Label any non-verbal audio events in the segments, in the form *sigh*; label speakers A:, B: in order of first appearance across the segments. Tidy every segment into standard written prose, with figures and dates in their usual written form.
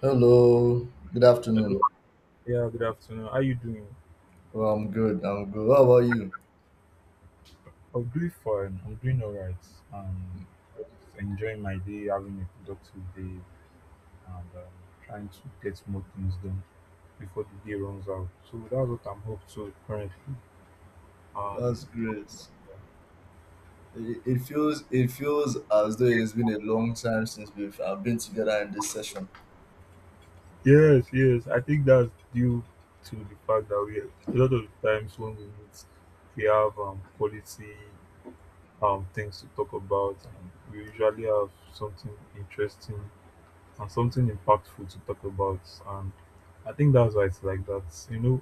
A: Hello, good
B: Hello.
A: afternoon.
B: Yeah, good afternoon. How you doing?
A: Well, I'm good. I'm good. How about you?
B: I'm doing fine. I'm doing all right. Um, just enjoying my day, having a productive day, and trying to get more things done before the day runs out. So that's what I'm up to currently.
A: That's
B: Um,
A: great. It feels it feels as though it has been a long time since we've been together in this session.
B: yes, yes, I think that's due to the fact that we, a lot of the times when we meet, we have quality things to talk about, and we usually have something interesting and something impactful to talk about. And I think that's why it's like that. You know,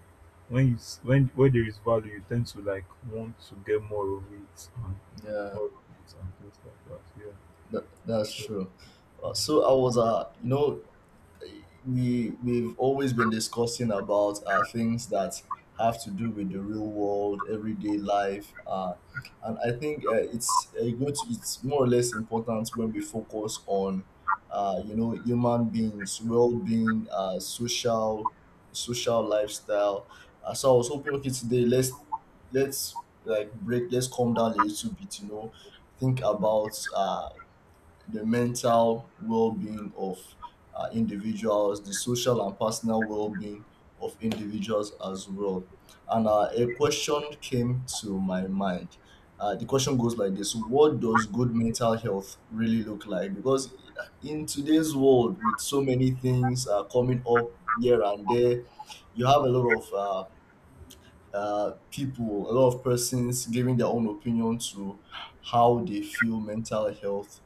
B: when you when there is value, you tend to like want to get more of it and
A: Yeah,
B: more of it and things like that. Yeah.
A: that's
B: So,
A: true. So I was we've always been discussing about things that have to do with the real world, everyday life, and I think it's a good. It's more or less important when we focus on, human beings, well-being, social lifestyle. So I was hoping, okay, today let's like break, let's calm down a little bit, you know, think about the mental well-being of individuals, the social and personal well-being of individuals as well. And a question came to my mind. The question goes like this: What does good mental health really look like? Because in today's world, with so many things coming up here and there, you have a lot of people, a lot of persons giving their own opinion to how they feel mental health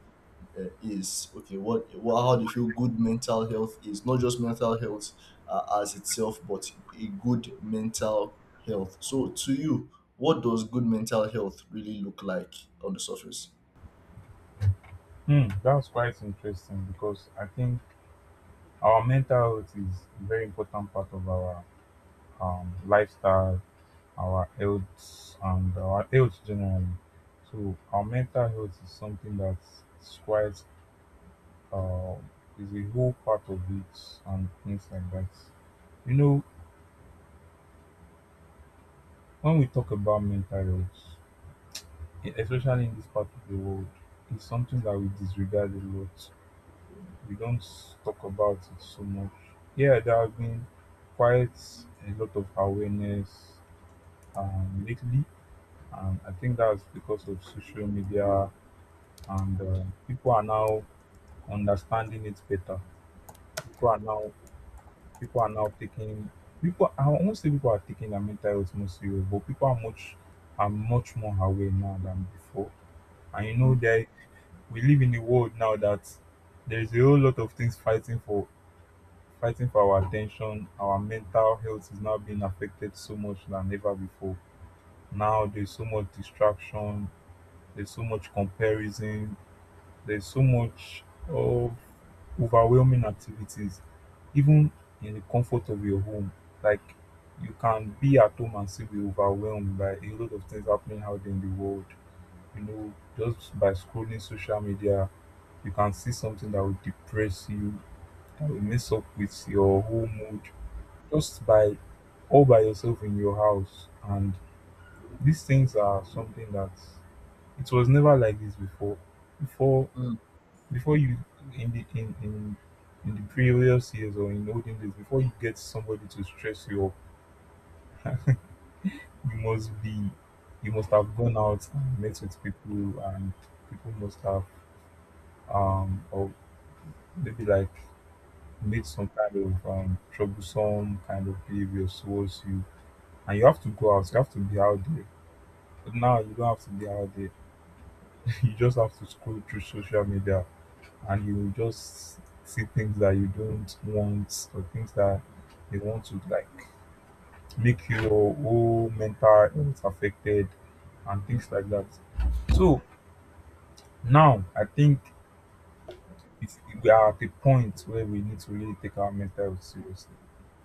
A: is okay what how do you feel good mental health is not just mental health as itself but a good mental health, so to you what does good mental health really look like on the surface?
B: hmm, that's quite interesting because I think our mental health is a very important part of our lifestyle, our health, and our health generally. So, our mental health is something that's quite, um, is a whole part of it and things like that. You know, when we talk about mental health, especially in this part of the world, it's something that we disregard a lot. We don't talk about it so much. Yeah, there have been quite a lot of awareness lately, and I think that's because of social media, and people are now understanding it better. People are now people are now taking people I won't say people are taking their mental health more serious, but people are much more aware now than before. And you know
A: mm,
B: that we live in a world now that there is a whole lot of things fighting for our attention. Our mental health is now being affected so much than ever before. Now there's so much distraction, there's so much comparison, there's so much of overwhelming activities, even in the comfort of your home. Like you can be at home and still be overwhelmed by a lot of things happening out there in the world. You know, just by scrolling social media, you can see something that will depress you, that will mess up with your whole mood. Just by all by yourself in your house, and these things are something that it was never like this before. Before,
A: mm,
B: before you in the in in in the previous years or in olden days, before you get somebody to stress you up, you must be, you must have gone out and met with people, and people must have, or maybe like made some kind of troublesome kind of behavior towards you, and you have to go out, you have to be out there. But now you don't have to be out there. *laughs* You just have to scroll through social media, and you just see things that you don't want, or things that they want to like make your whole mental health affected and things like that. So now I think it's, we are at a point where we need to really take our mental health seriously.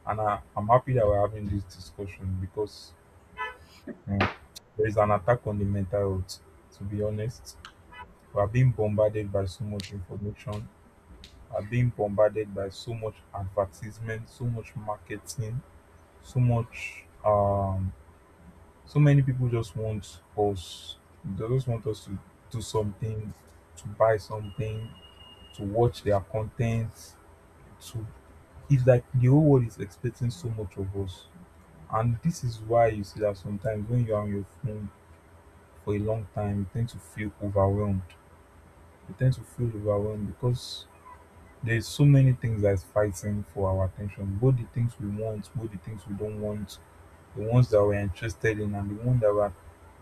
B: I'm happy that we're having this discussion because, um, there is an attack on the mental health, to be honest. We are being bombarded by so much information, are being bombarded by so much advertisement, so much marketing, so much so many people just want us, they just want us to do something, to buy something, to watch their content, to, it's like the whole world is expecting so much of us. And this is why you see that sometimes when you are on your phone for a long time, you tend to feel overwhelmed. You tend to feel overwhelmed because there's so many things that's fighting for our attention, both the things we want, both the things we don't want, the ones that we're interested in and the ones that we're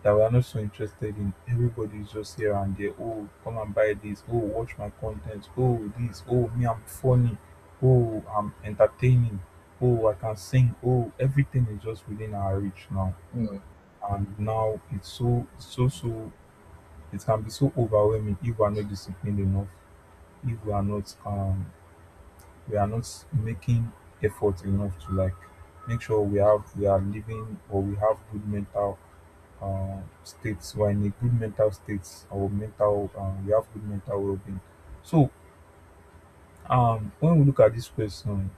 B: that we're not so interested in. Everybody's just here and there. Oh, come and buy this. Oh, watch my content. Oh, this. Oh, me, I'm funny. Oh, I'm entertaining. Oh, I can sing. Oh, everything is just within our reach now.
A: mm,
B: And now it's so it can be so overwhelming if we're not disciplined enough, if we are not, we are not making effort enough to like make sure we have, we are living or we have good mental states, we're in a good mental states, or mental we have good mental well-being. So when we look at this question,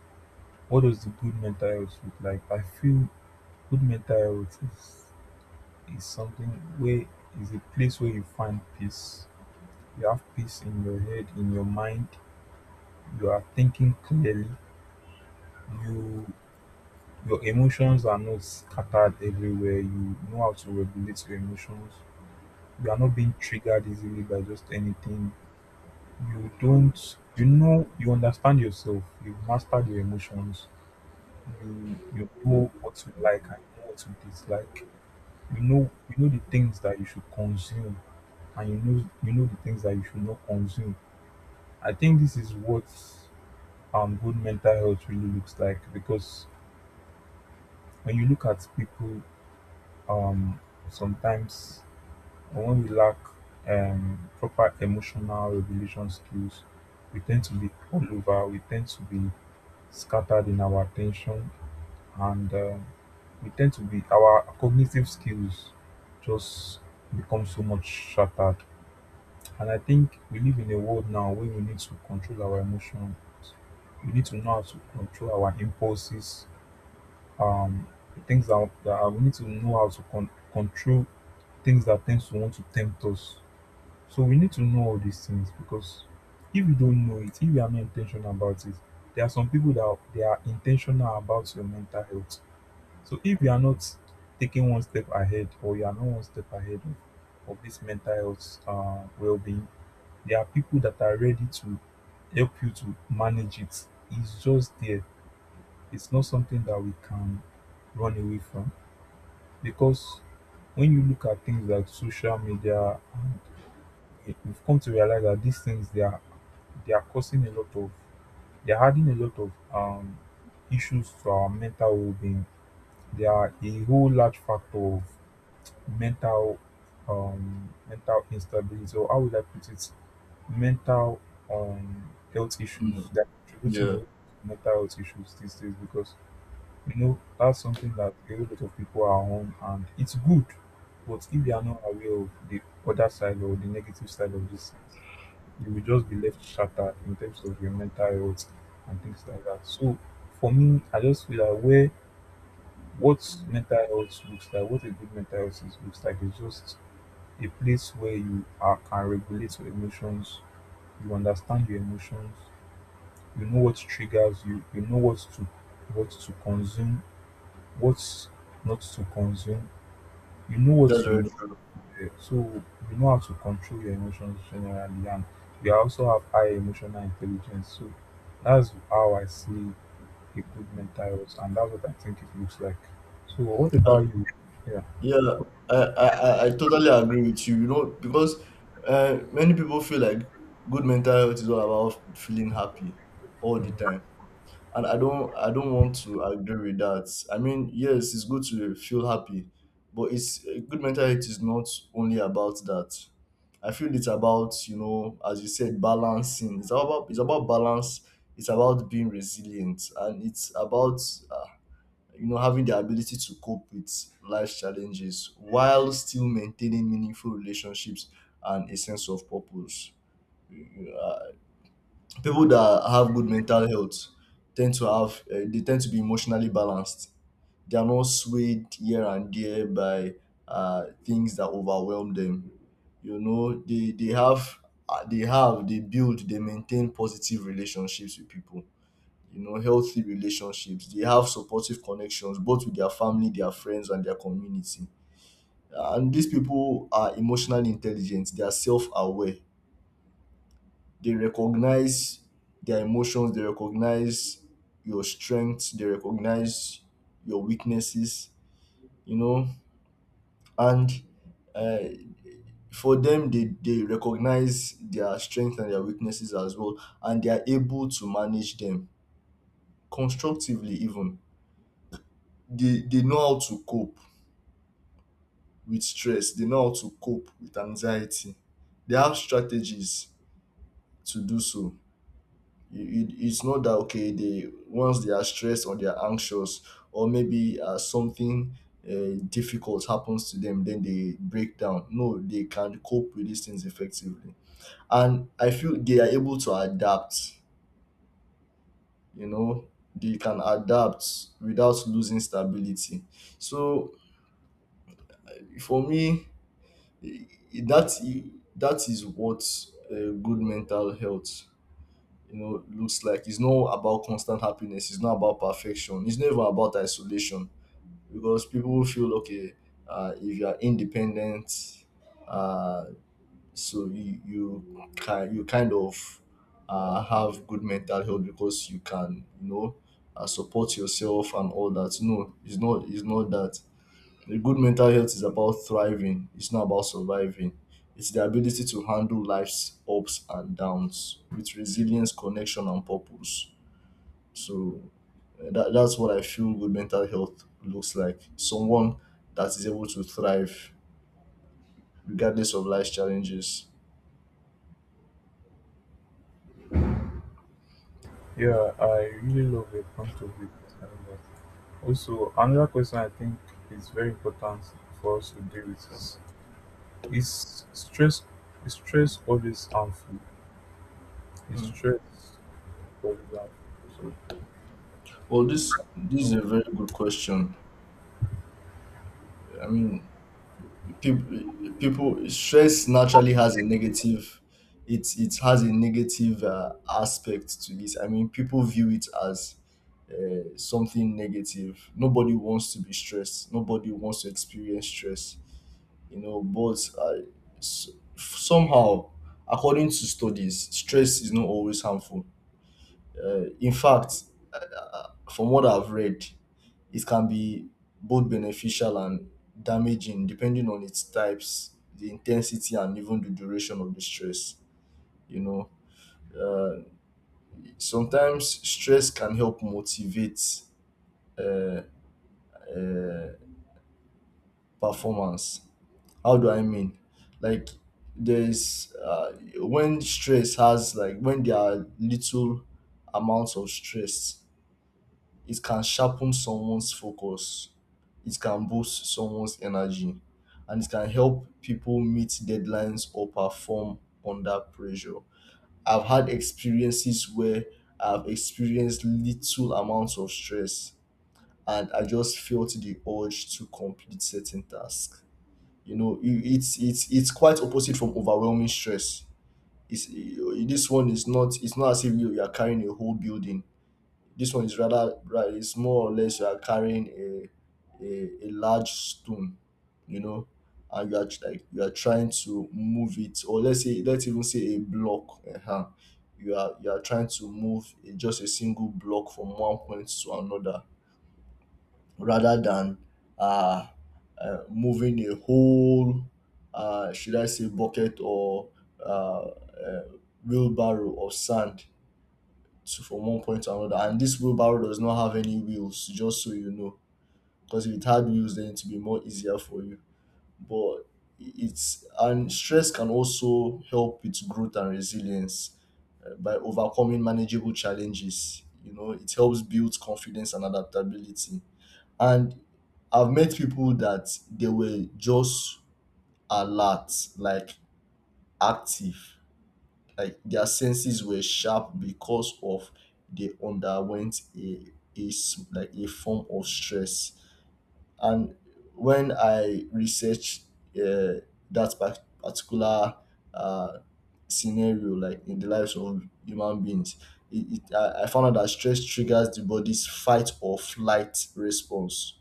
B: what does the good mental health look like? I feel good mental health is something where, is a place where you find peace, you have peace in your head, in your mind, you are thinking clearly, you, your emotions are not scattered everywhere. You know how to regulate your emotions. You are not being triggered easily by just anything. You don't, you know, you understand yourself. You've mastered your emotions. You know what you like and you know what you dislike. You know the things that you should consume, and you know the things that you should not consume. I think this is what good mental health really looks like, because when you look at people, um sometimes, but when we lack proper emotional regulation skills, we tend to be all over. We tend to be scattered in our attention, and we tend to be, our cognitive skills just become so much shattered. And I think we live in a world now where we need to control our emotion. We need to know how to control our impulses. Um, the things that we need to know how to control, things that tend to want to tempt us. So we need to know all these things, because if you don't know it, if you are not intentional about it, there are some people that are, they are intentional about your mental health. So if you are not taking one step ahead, or you are not one step ahead of this mental health well-being, there are people that are ready to help you to manage it. It's just there. It's not something that we can run away from, because when you look at things like social media, and we've come to realize that these things, they are, they are causing a lot of, they are adding a lot of issues to our mental well-being. They are a whole large factor of mental, mental instability, or how would I put it? Mental, health issues.
A: mm.
B: They're contributing a
A: Yeah,
B: lot to mental health issues these days, because you know that's something that a whole lot of people are on, and it's good. But if they are not aware of the other side or the negative side of this, you will just be left shattered in terms of your mental health and things like that. So for me, I just feel that where what mental health looks like, what a good mental health is, looks like, is just a place where you are, can regulate your emotions, you understand your emotions, you know what triggers you, you know what to, what to consume, what not to consume, you know what
A: that's very
B: you.
A: true.
B: So you know how to control your emotions generally, and you also have high emotional intelligence. So that's how I see a good mental health, and that's what I think it looks like. So what
A: uh,
B: about you? Yeah,
A: yeah, I, I totally agree with you, you know, because uh, many people feel like good mental health is all about feeling happy all the
B: mm,
A: time, and I don't I don't want to agree with that. I mean, yes, it's good to feel happy, but it's a good mental health is not only about that. I feel it's about, you know, as you said, balancing. It's about balance. It's about being resilient, and it's about uh, you know, having the ability to cope with life challenges while still maintaining meaningful relationships and a sense of purpose. Uh, people that have good mental health tend to have they tend to be emotionally balanced. They are not swayed here and there by things that overwhelm them. You know, they have they build, they maintain positive relationships with people, you know, healthy relationships. They have supportive connections both with their family, their friends, and their community, and these people are emotionally intelligent. They are self-aware. They recognize their emotions. They recognize your strengths. They recognize your weaknesses, you know, and uh, for them, they recognize their strengths and their weaknesses as well, and they are able to manage them constructively. Even they know how to cope with stress. They know how to cope with anxiety. They have strategies to do so. It's not that okay, they once they are stressed or they are anxious or maybe something difficult happens to them, then they break down. No, they can cope with these things effectively, and I feel they are able to adapt. You know, they can adapt without losing stability. So for me, i- that is what uh, good mental health, you know, looks like. It's not about constant happiness. It's not about perfection. It's not even about isolation, because people feel okay if you are independent, uh, so you kind of have good mental health because you can, you know, support yourself and all that. No, it's not. It's not that A good mental health is about thriving, it's not about surviving. It's the ability to handle life's ups and downs with resilience, connection, and purpose. So that's what I feel good mental health looks like. Someone that is able to thrive regardless of life's challenges.
B: yeah, I really love your point of view concerning that. Also, another question I think is very important for us to deal with is stress. Is stress always harmful? Is stress always harmful? So,
A: Well, this is
B: no.
A: a very good question. I mean, people, people stress naturally has a negative it has a negative aspect to it. I mean, people view it as something negative. Nobody wants to be stressed. Nobody wants to experience stress, you know, but somehow, according to studies, stress is not always harmful. In fact, from what I've read, it can be both beneficial and damaging, depending on its types, the intensity, and even the duration of the stress. You know, uh, sometimes stress can help motivate uh, uh, performance. How do I mean? Like, there's when stress has, like, when there are little amounts of stress, it can sharpen someone's focus, it can boost someone's energy, and it can help people meet deadlines or perform under pressure. I've had experiences where I've experienced little amounts of stress, and I just felt the urge to complete certain tasks. You know, it's it's quite opposite from overwhelming stress. It's, this one is not. It's not as if you are carrying a whole building. This one is rather right. It's more or less you are carrying a large stone, you know, and you are like you are trying to move it, or let's say, let's even say a block. Uh-huh. You are trying to move a, just a single block from one point to another, rather than uh, moving a whole should I say bucket or uh, uh wheelbarrow of sand to from one point to another. And this wheelbarrow does not have any wheels, just so you know. Because if it had wheels, then it would be more easier for you. But it's, and stress can also help with growth and resilience by overcoming manageable challenges. You know, it helps build confidence and adaptability. And I've met people that they were just alert, like active, like their senses were sharp because of they underwent a like a form of stress, and when I researched uh, that particular uh, scenario, like in the lives of human beings, I found out that stress triggers the body's fight or flight response,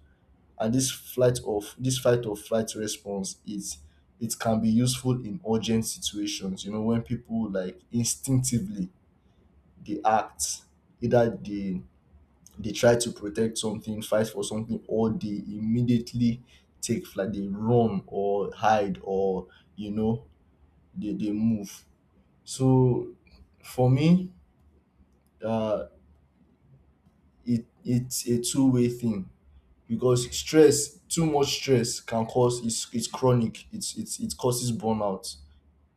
A: and this fight or flight response is, it can be useful in urgent situations. You know, when people like instinctively they act, either they try to protect something, fight for something, or they immediately take flight. They run or hide or, you know, they move. So for me, uh it it's a two-way thing, because stress too much stress can cause, it's chronic, it's it causes burnout.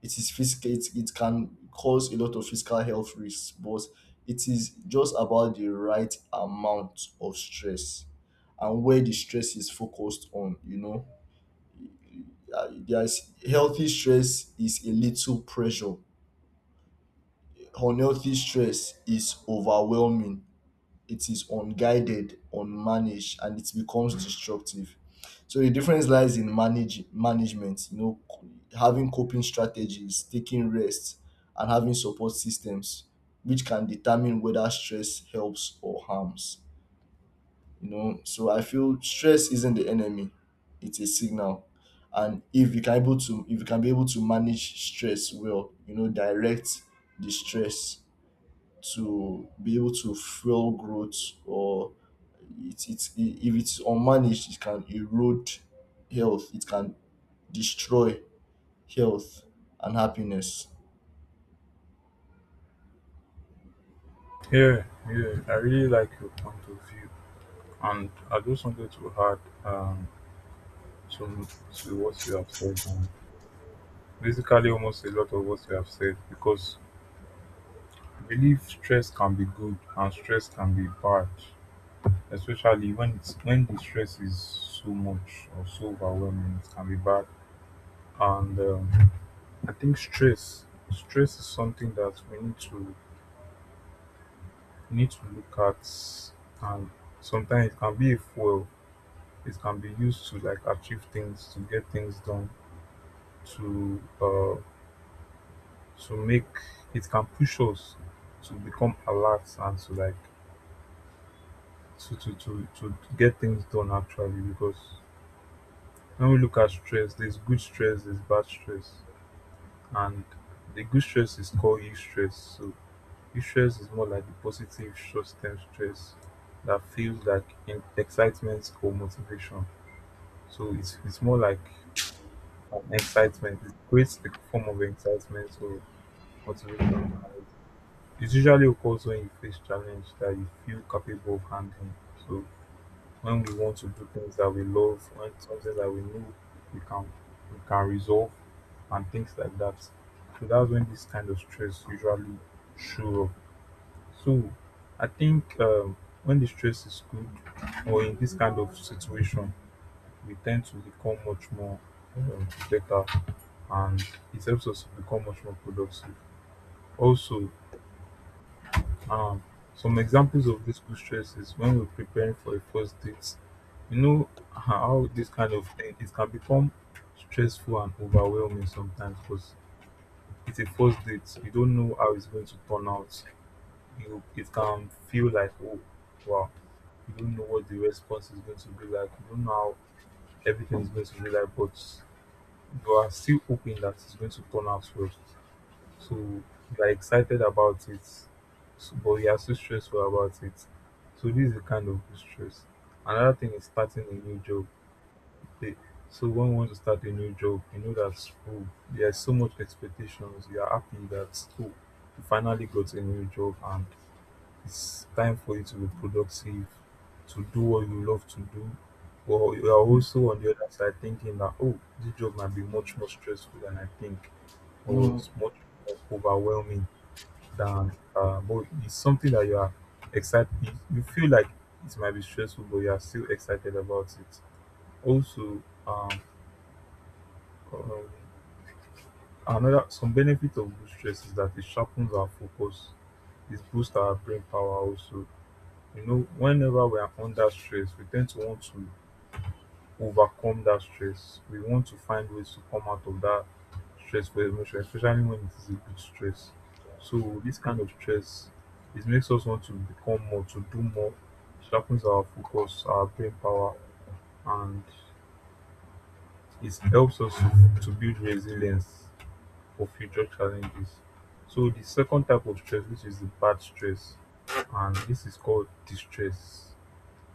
A: It is physical. It can cause a lot of physical health risks, but it is just about the right amount of stress and where the stress is focused on, you know. There's healthy stress is a little pressure. Unhealthy stress is overwhelming. It is unguided, unmanaged, and it becomes destructive. So the difference lies in manage management, you know, having coping strategies, taking rest, and having support systems, which can determine whether stress helps or harms. You know, so I feel stress isn't the enemy; it's a signal. And if you can able to, if you can be able to manage stress well, you know, direct the stress to be able to fuel growth, or if it's unmanaged, it can erode health. It can destroy health and happiness.
B: Yeah, yeah. I really like your point of view, and I just wanted to add, to to what you have said, and basically almost a lot of what you have said, because I believe stress can be good and stress can be bad, especially when it's, when the stress is so much or so overwhelming. It can be bad. And I think stress is something that we need to, need to look at. And sometimes it can be a fuel, it can be used to like achieve things, to get things done, to uh to make, it can push us to become alert and to like to get things done, actually, because when we look at stress, there's good stress, there's bad stress. And the good stress is called eustress, stress, so eustress stress is more like the positive short-term stress that feels like in excitement or motivation. So it's more like from excitement. It creates like a form of excitement or motivation. And it usually occurs when you face challenge that you feel capable of handling. So when we want to do things that we love, when something that we know we can, we can resolve and things like that. So that's when this kind of stress usually show up. So I think when the stress is good or in this kind of situation, we tend to become much more better, and it helps us to become much more productive. Also, um, some examples of this good stress is when we're preparing for a first date. You know how this kind of thing, it can become stressful and overwhelming sometimes because it's a first date. You don't know how it's going to turn out. You it can feel like, oh wow, you don't know what the response is going to be like. You don't know how everything is going to be like, but you are still hoping that it's going to turn out well. So we are excited about it, so, but we are so stressful about it. So this is the kind of stress. Another thing is starting a new job. They, so when you want to start a new job, you know that, oh, there are so much expectations. You are happy that, oh, you finally got a new job and it's time for you to be productive, to do what you love to do. But you are
A: Hmm.
B: also on the other side thinking that, oh, this job might be much more stressful than I think, or
A: Mm.
B: it's much more overwhelming than but it's something that you are excited, you feel like it might be stressful but you are still excited about it also. um, um, Another some benefit of good stress is that it sharpens our focus, it boosts our brain power also. You know, whenever we are under stress we tend to want to overcome that stress. We want to find ways to come out of that stressful emotion, especially when it is a big stress. So this kind of stress, it makes us want to become more, to do more. It sharpens our focus, our brain power, and it helps us to build resilience for future challenges. So the second type of stress, which is the bad stress, and this is called distress.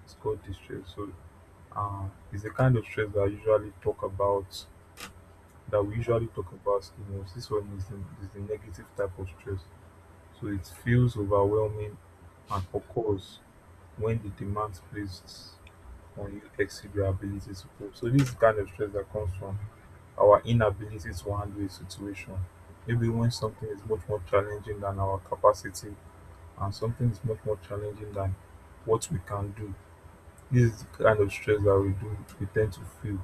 B: It's called distress. So it's the kind of stress that I usually talk about, that we usually talk about the most. This one is is the negative type of stress. So it feels overwhelming and occurs when the demands placed on you exceed your ability to cope. So this is the kind of stress that comes from our inability to handle a situation. Maybe when something is much more challenging than our capacity and something is much more challenging than what we can do. This is the kind of stress that we tend to feel.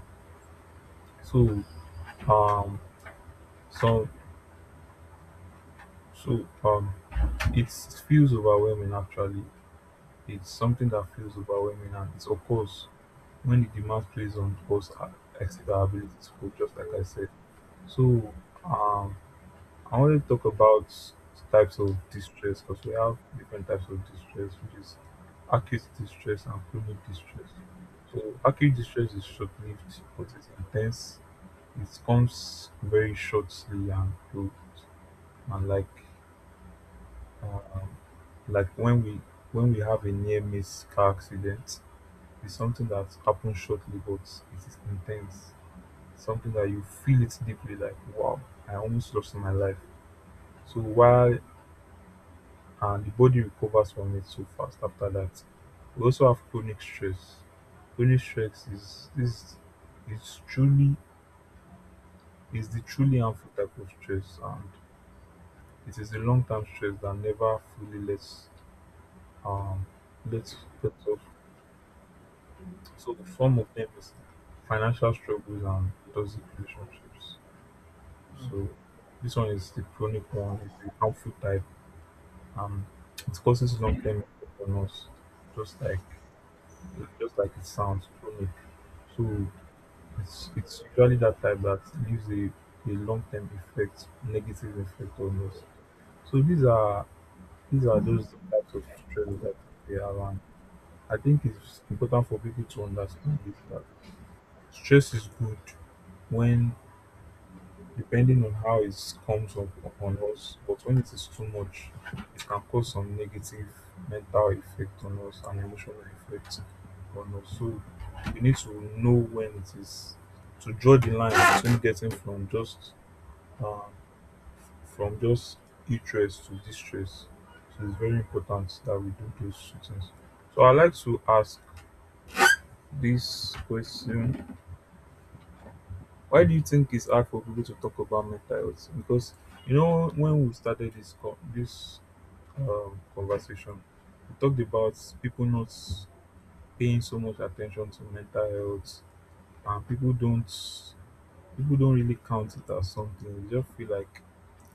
B: So um so so um It feels overwhelming actually, it's something that feels overwhelming and it occurs when the demand plays on us exceed our abilities for just like I said. So um I want to talk about types of distress because we have different types of distress, which is acute distress and chronic distress. So acute distress is short lived but it's intense. It comes very shortly and cold and um, like when we have a near miss car accident. It's something that happens shortly but it is intense, something that you feel it deeply, like wow, I almost lost my life. So while the body recovers from it so fast after that, we also have chronic stress. Chronic stress is is truly, is the truly harmful type of stress, and it is the long-term stress that never fully lets um lets lets off. So the form of them is financial struggles and toxic relationships. So this one is the chronic one, is the harmful type, and it causes long term effect on us, just like just like it sounds, chronic. So it's usually that type that leaves a long term effect, negative effect on us. So these are those types of stress that we have, and I think it's important for people to understand this, that stress is good when, depending on how it comes up on us, but when it is too much, it can cause some negative mental effect on us and emotional effect on us. So we need to know when it is to draw the line between getting um, from just stress to distress. So it's very important that we do those two things. So I like to ask this question, why do you think it's hard for people to talk about mental health? Because you know when we started this conversation, we talked about people not paying so much attention to mental health, and people don't, people don't really count it as something. They just feel like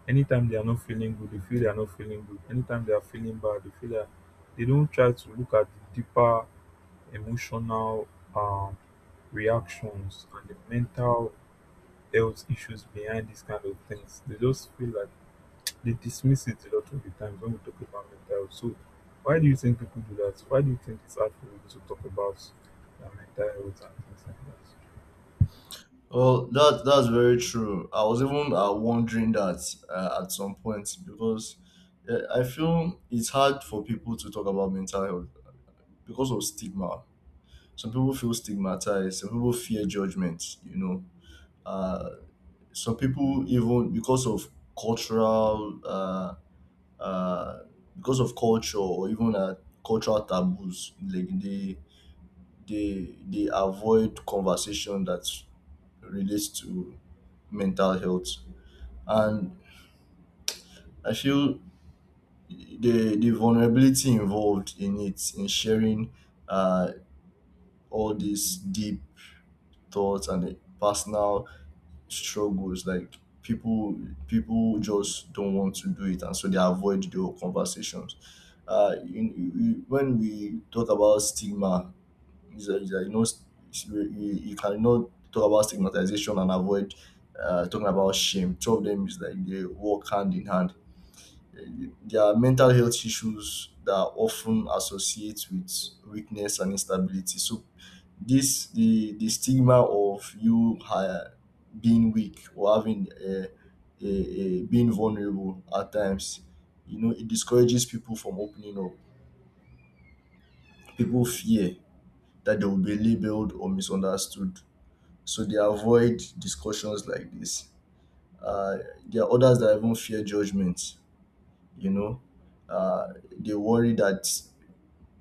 B: anytime they are not feeling good they feel they are not feeling good, anytime they are feeling bad they feel that, they don't try to look at the deeper emotional, um, reactions and the mental health issues behind these kind of things. They just feel like they dismiss it a lot of the times when we talk about mental health. So, why do you think people do that? Why do you think it's hard for people to talk about their mental health and things like that?
A: Well, that that's very true. I was even wondering that at some point, because I feel it's hard for people to talk about mental health because of stigma. Some people feel stigmatized. Some people fear judgment. You know, uh, some people even because of cultural uh, because of culture or even cultural taboos, like they they avoid conversation that relates to mental health, and I feel the vulnerability involved in it, in sharing uh, all these deep thoughts and the personal struggles. Like people people just don't want to do it, and so they avoid the whole conversations. When we talk about stigma, is that, you know, you cannot talk about stigmatization and avoid talking about shame. Two of them is like they walk hand in hand. There are mental health issues that are often associate with weakness and instability. So this the stigma of you being weak or having a being vulnerable at times, you know, it discourages people from opening up. People fear that they will be labeled or misunderstood, so they avoid discussions like this. uh, there are others that even fear judgment, you know, uh, they worry that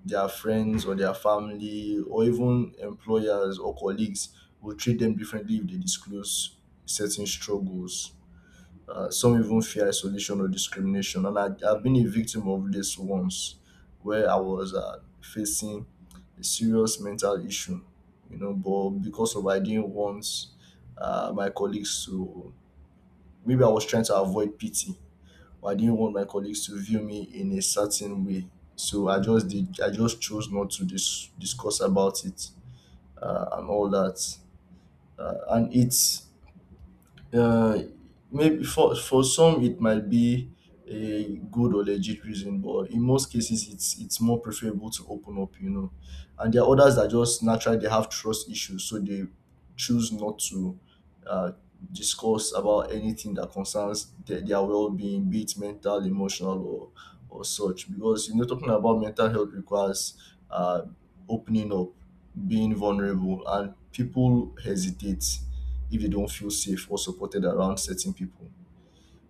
A: their friends or their family or even employers or colleagues will treat them differently if they disclose certain struggles. Some even fear isolation or discrimination. And I've been a victim of this once, where I was facing a serious mental issue, you know, but because of I didn't want my colleagues to, maybe I was trying to avoid pity, or I didn't want my colleagues to view me in a certain way. So I just did. I just chose not to discuss about it and all that. And it's, uh, maybe for some it might be a good or legit reason, but in most cases it's more preferable to open up, you know. And there are others that just naturally they have trust issues, so they choose not to uh, discuss about anything that concerns their well-being, be it mental, emotional, or such. Because, you know, talking about mental health requires uh, opening up, being vulnerable, and people hesitate if they don't feel safe or supported around certain people.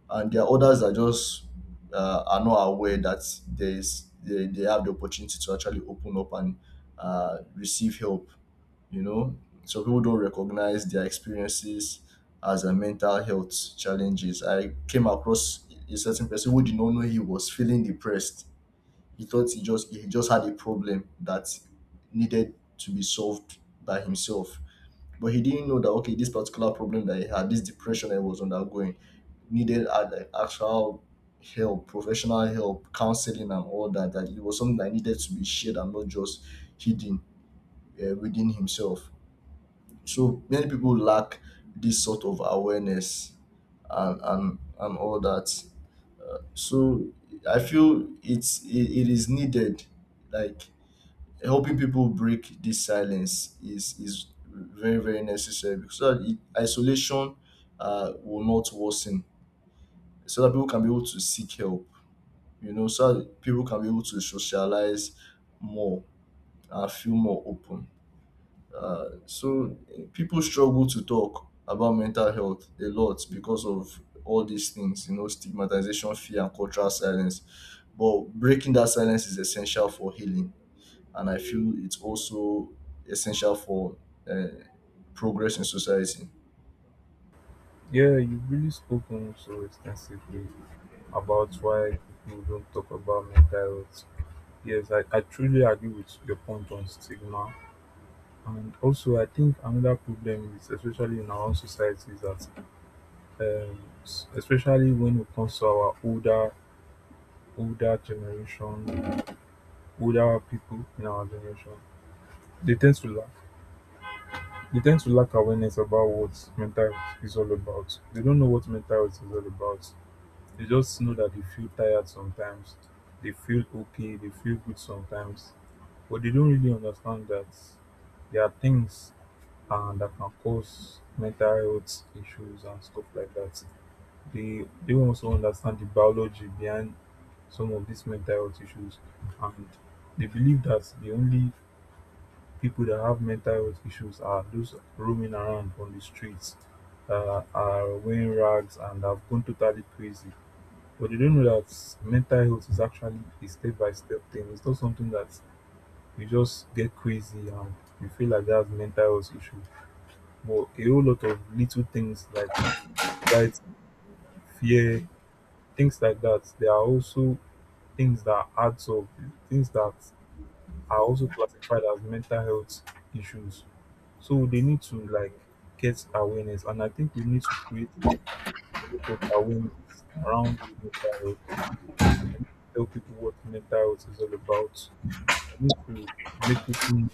A: And there are others that just are not aware that there is they have the opportunity to actually open up and receive help. You know, some people don't recognize their experiences as a mental health challenges. I came across a certain person who did not know he was feeling depressed. He thought he just had a problem that needed to be solved by himself, but he didn't know that okay, this particular problem that he had, this depression I was undergoing, needed like actual help, professional help, counseling, and all that, that it was something that needed to be shared and not just hidden within himself. So many people lack this sort of awareness and and all that. So I feel it is needed, like helping people break this silence is very very necessary, because so that isolation will not worsen, so that people can be able to seek help, you know, so that people can be able to socialize more and feel more open. So people struggle to talk about mental health a lot because of all these things, you know, stigmatization, fear, and cultural silence, but breaking that silence is essential for healing, and I feel it's also essential for uh, progress in society.
B: Yeah, you've really spoken so extensively about why people don't talk about mental health. Yes, I truly agree with your point on stigma. And also, I think another problem is, especially in our own society, is that especially when it comes to our older older generation, older people in our generation, they tend to lack. They tend to lack awareness about what mental health is all about. They don't know what mental health is all about. They just know that they feel tired sometimes, they feel okay, they feel good sometimes, but they don't really understand that there are things that can cause mental health issues and stuff like that. They also understand the biology behind some of these mental health issues, and they believe that the only people that have mental health issues are those roaming around on the streets, are wearing rags and have gone totally crazy. But they don't know that mental health is actually a step-by-step thing. It's not something that you just get crazy and you feel like that's mental health issue, but a whole lot of little things like anxiety, fear, things like that, they are also things that adds up, things that are also classified as mental health issues. So they need to like get awareness, and I think we need to create a lot of awareness around mental health. I need to tell people what mental health is all about. I need to make people know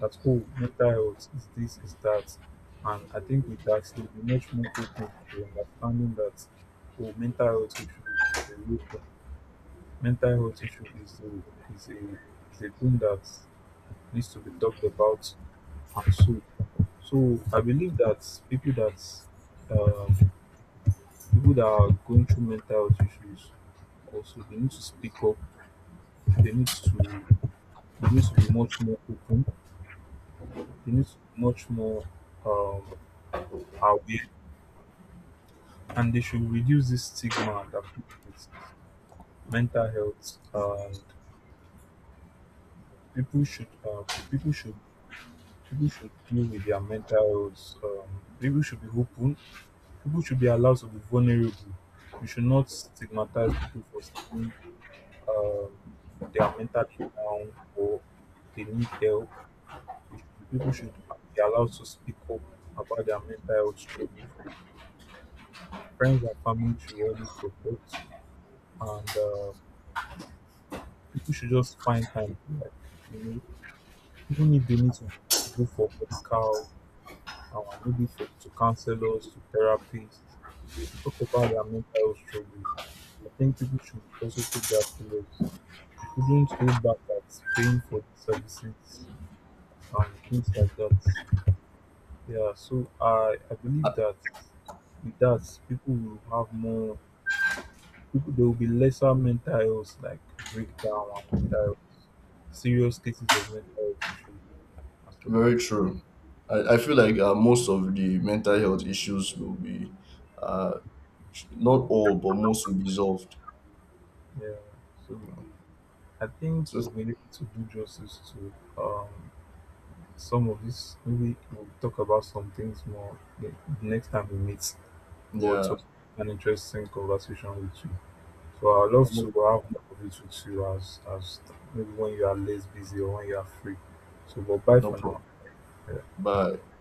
B: that, oh, mental health is this, is that, and I think with that they'll be much more open to understanding that, oh, mental health issue is a real thing. Mental health issue is a is a thing that needs to be talked about. Ah, so I believe that people that um, people that are going through mental health issues also, they need to speak up, they need to, they need to be much more open, they need to be much more um, aware, and they should reduce this stigma that people with mental health, and people should people should people should deal with their mental health. People should be open, people should be allowed to be vulnerable. We should not stigmatize people for saying um, they are mentally down or they need help. We should- People should be allowed to speak up about their mental health struggles. Friends and family should always support, and people should just find time to like, you know, even if they need to go for medical, maybe for to counselors, to therapists, to talk about their mental health struggles. I think people should also take that serious. They shouldn't hold back at paying for the services and things like that. Yeah, so I believe that with that people will have more people, there will be lesser mental health like breakdown and mental health serious cases of mental health issues and stuff like
A: Very
B: that.
A: true. I feel like most of the mental health issues will be, uh, not all, but most will be solved.
B: Yeah. So I think we've
A: So,
B: been able to do justice to um some of this. Maybe we'll talk about some things more the next time we meet. But it
A: yeah,
B: was an interesting conversation with you. So I would love to
A: almost
B: have more of it with you as maybe when you are less busy or when you are free. So but bye
A: no
B: for
A: problem.
B: now.
A: Bye.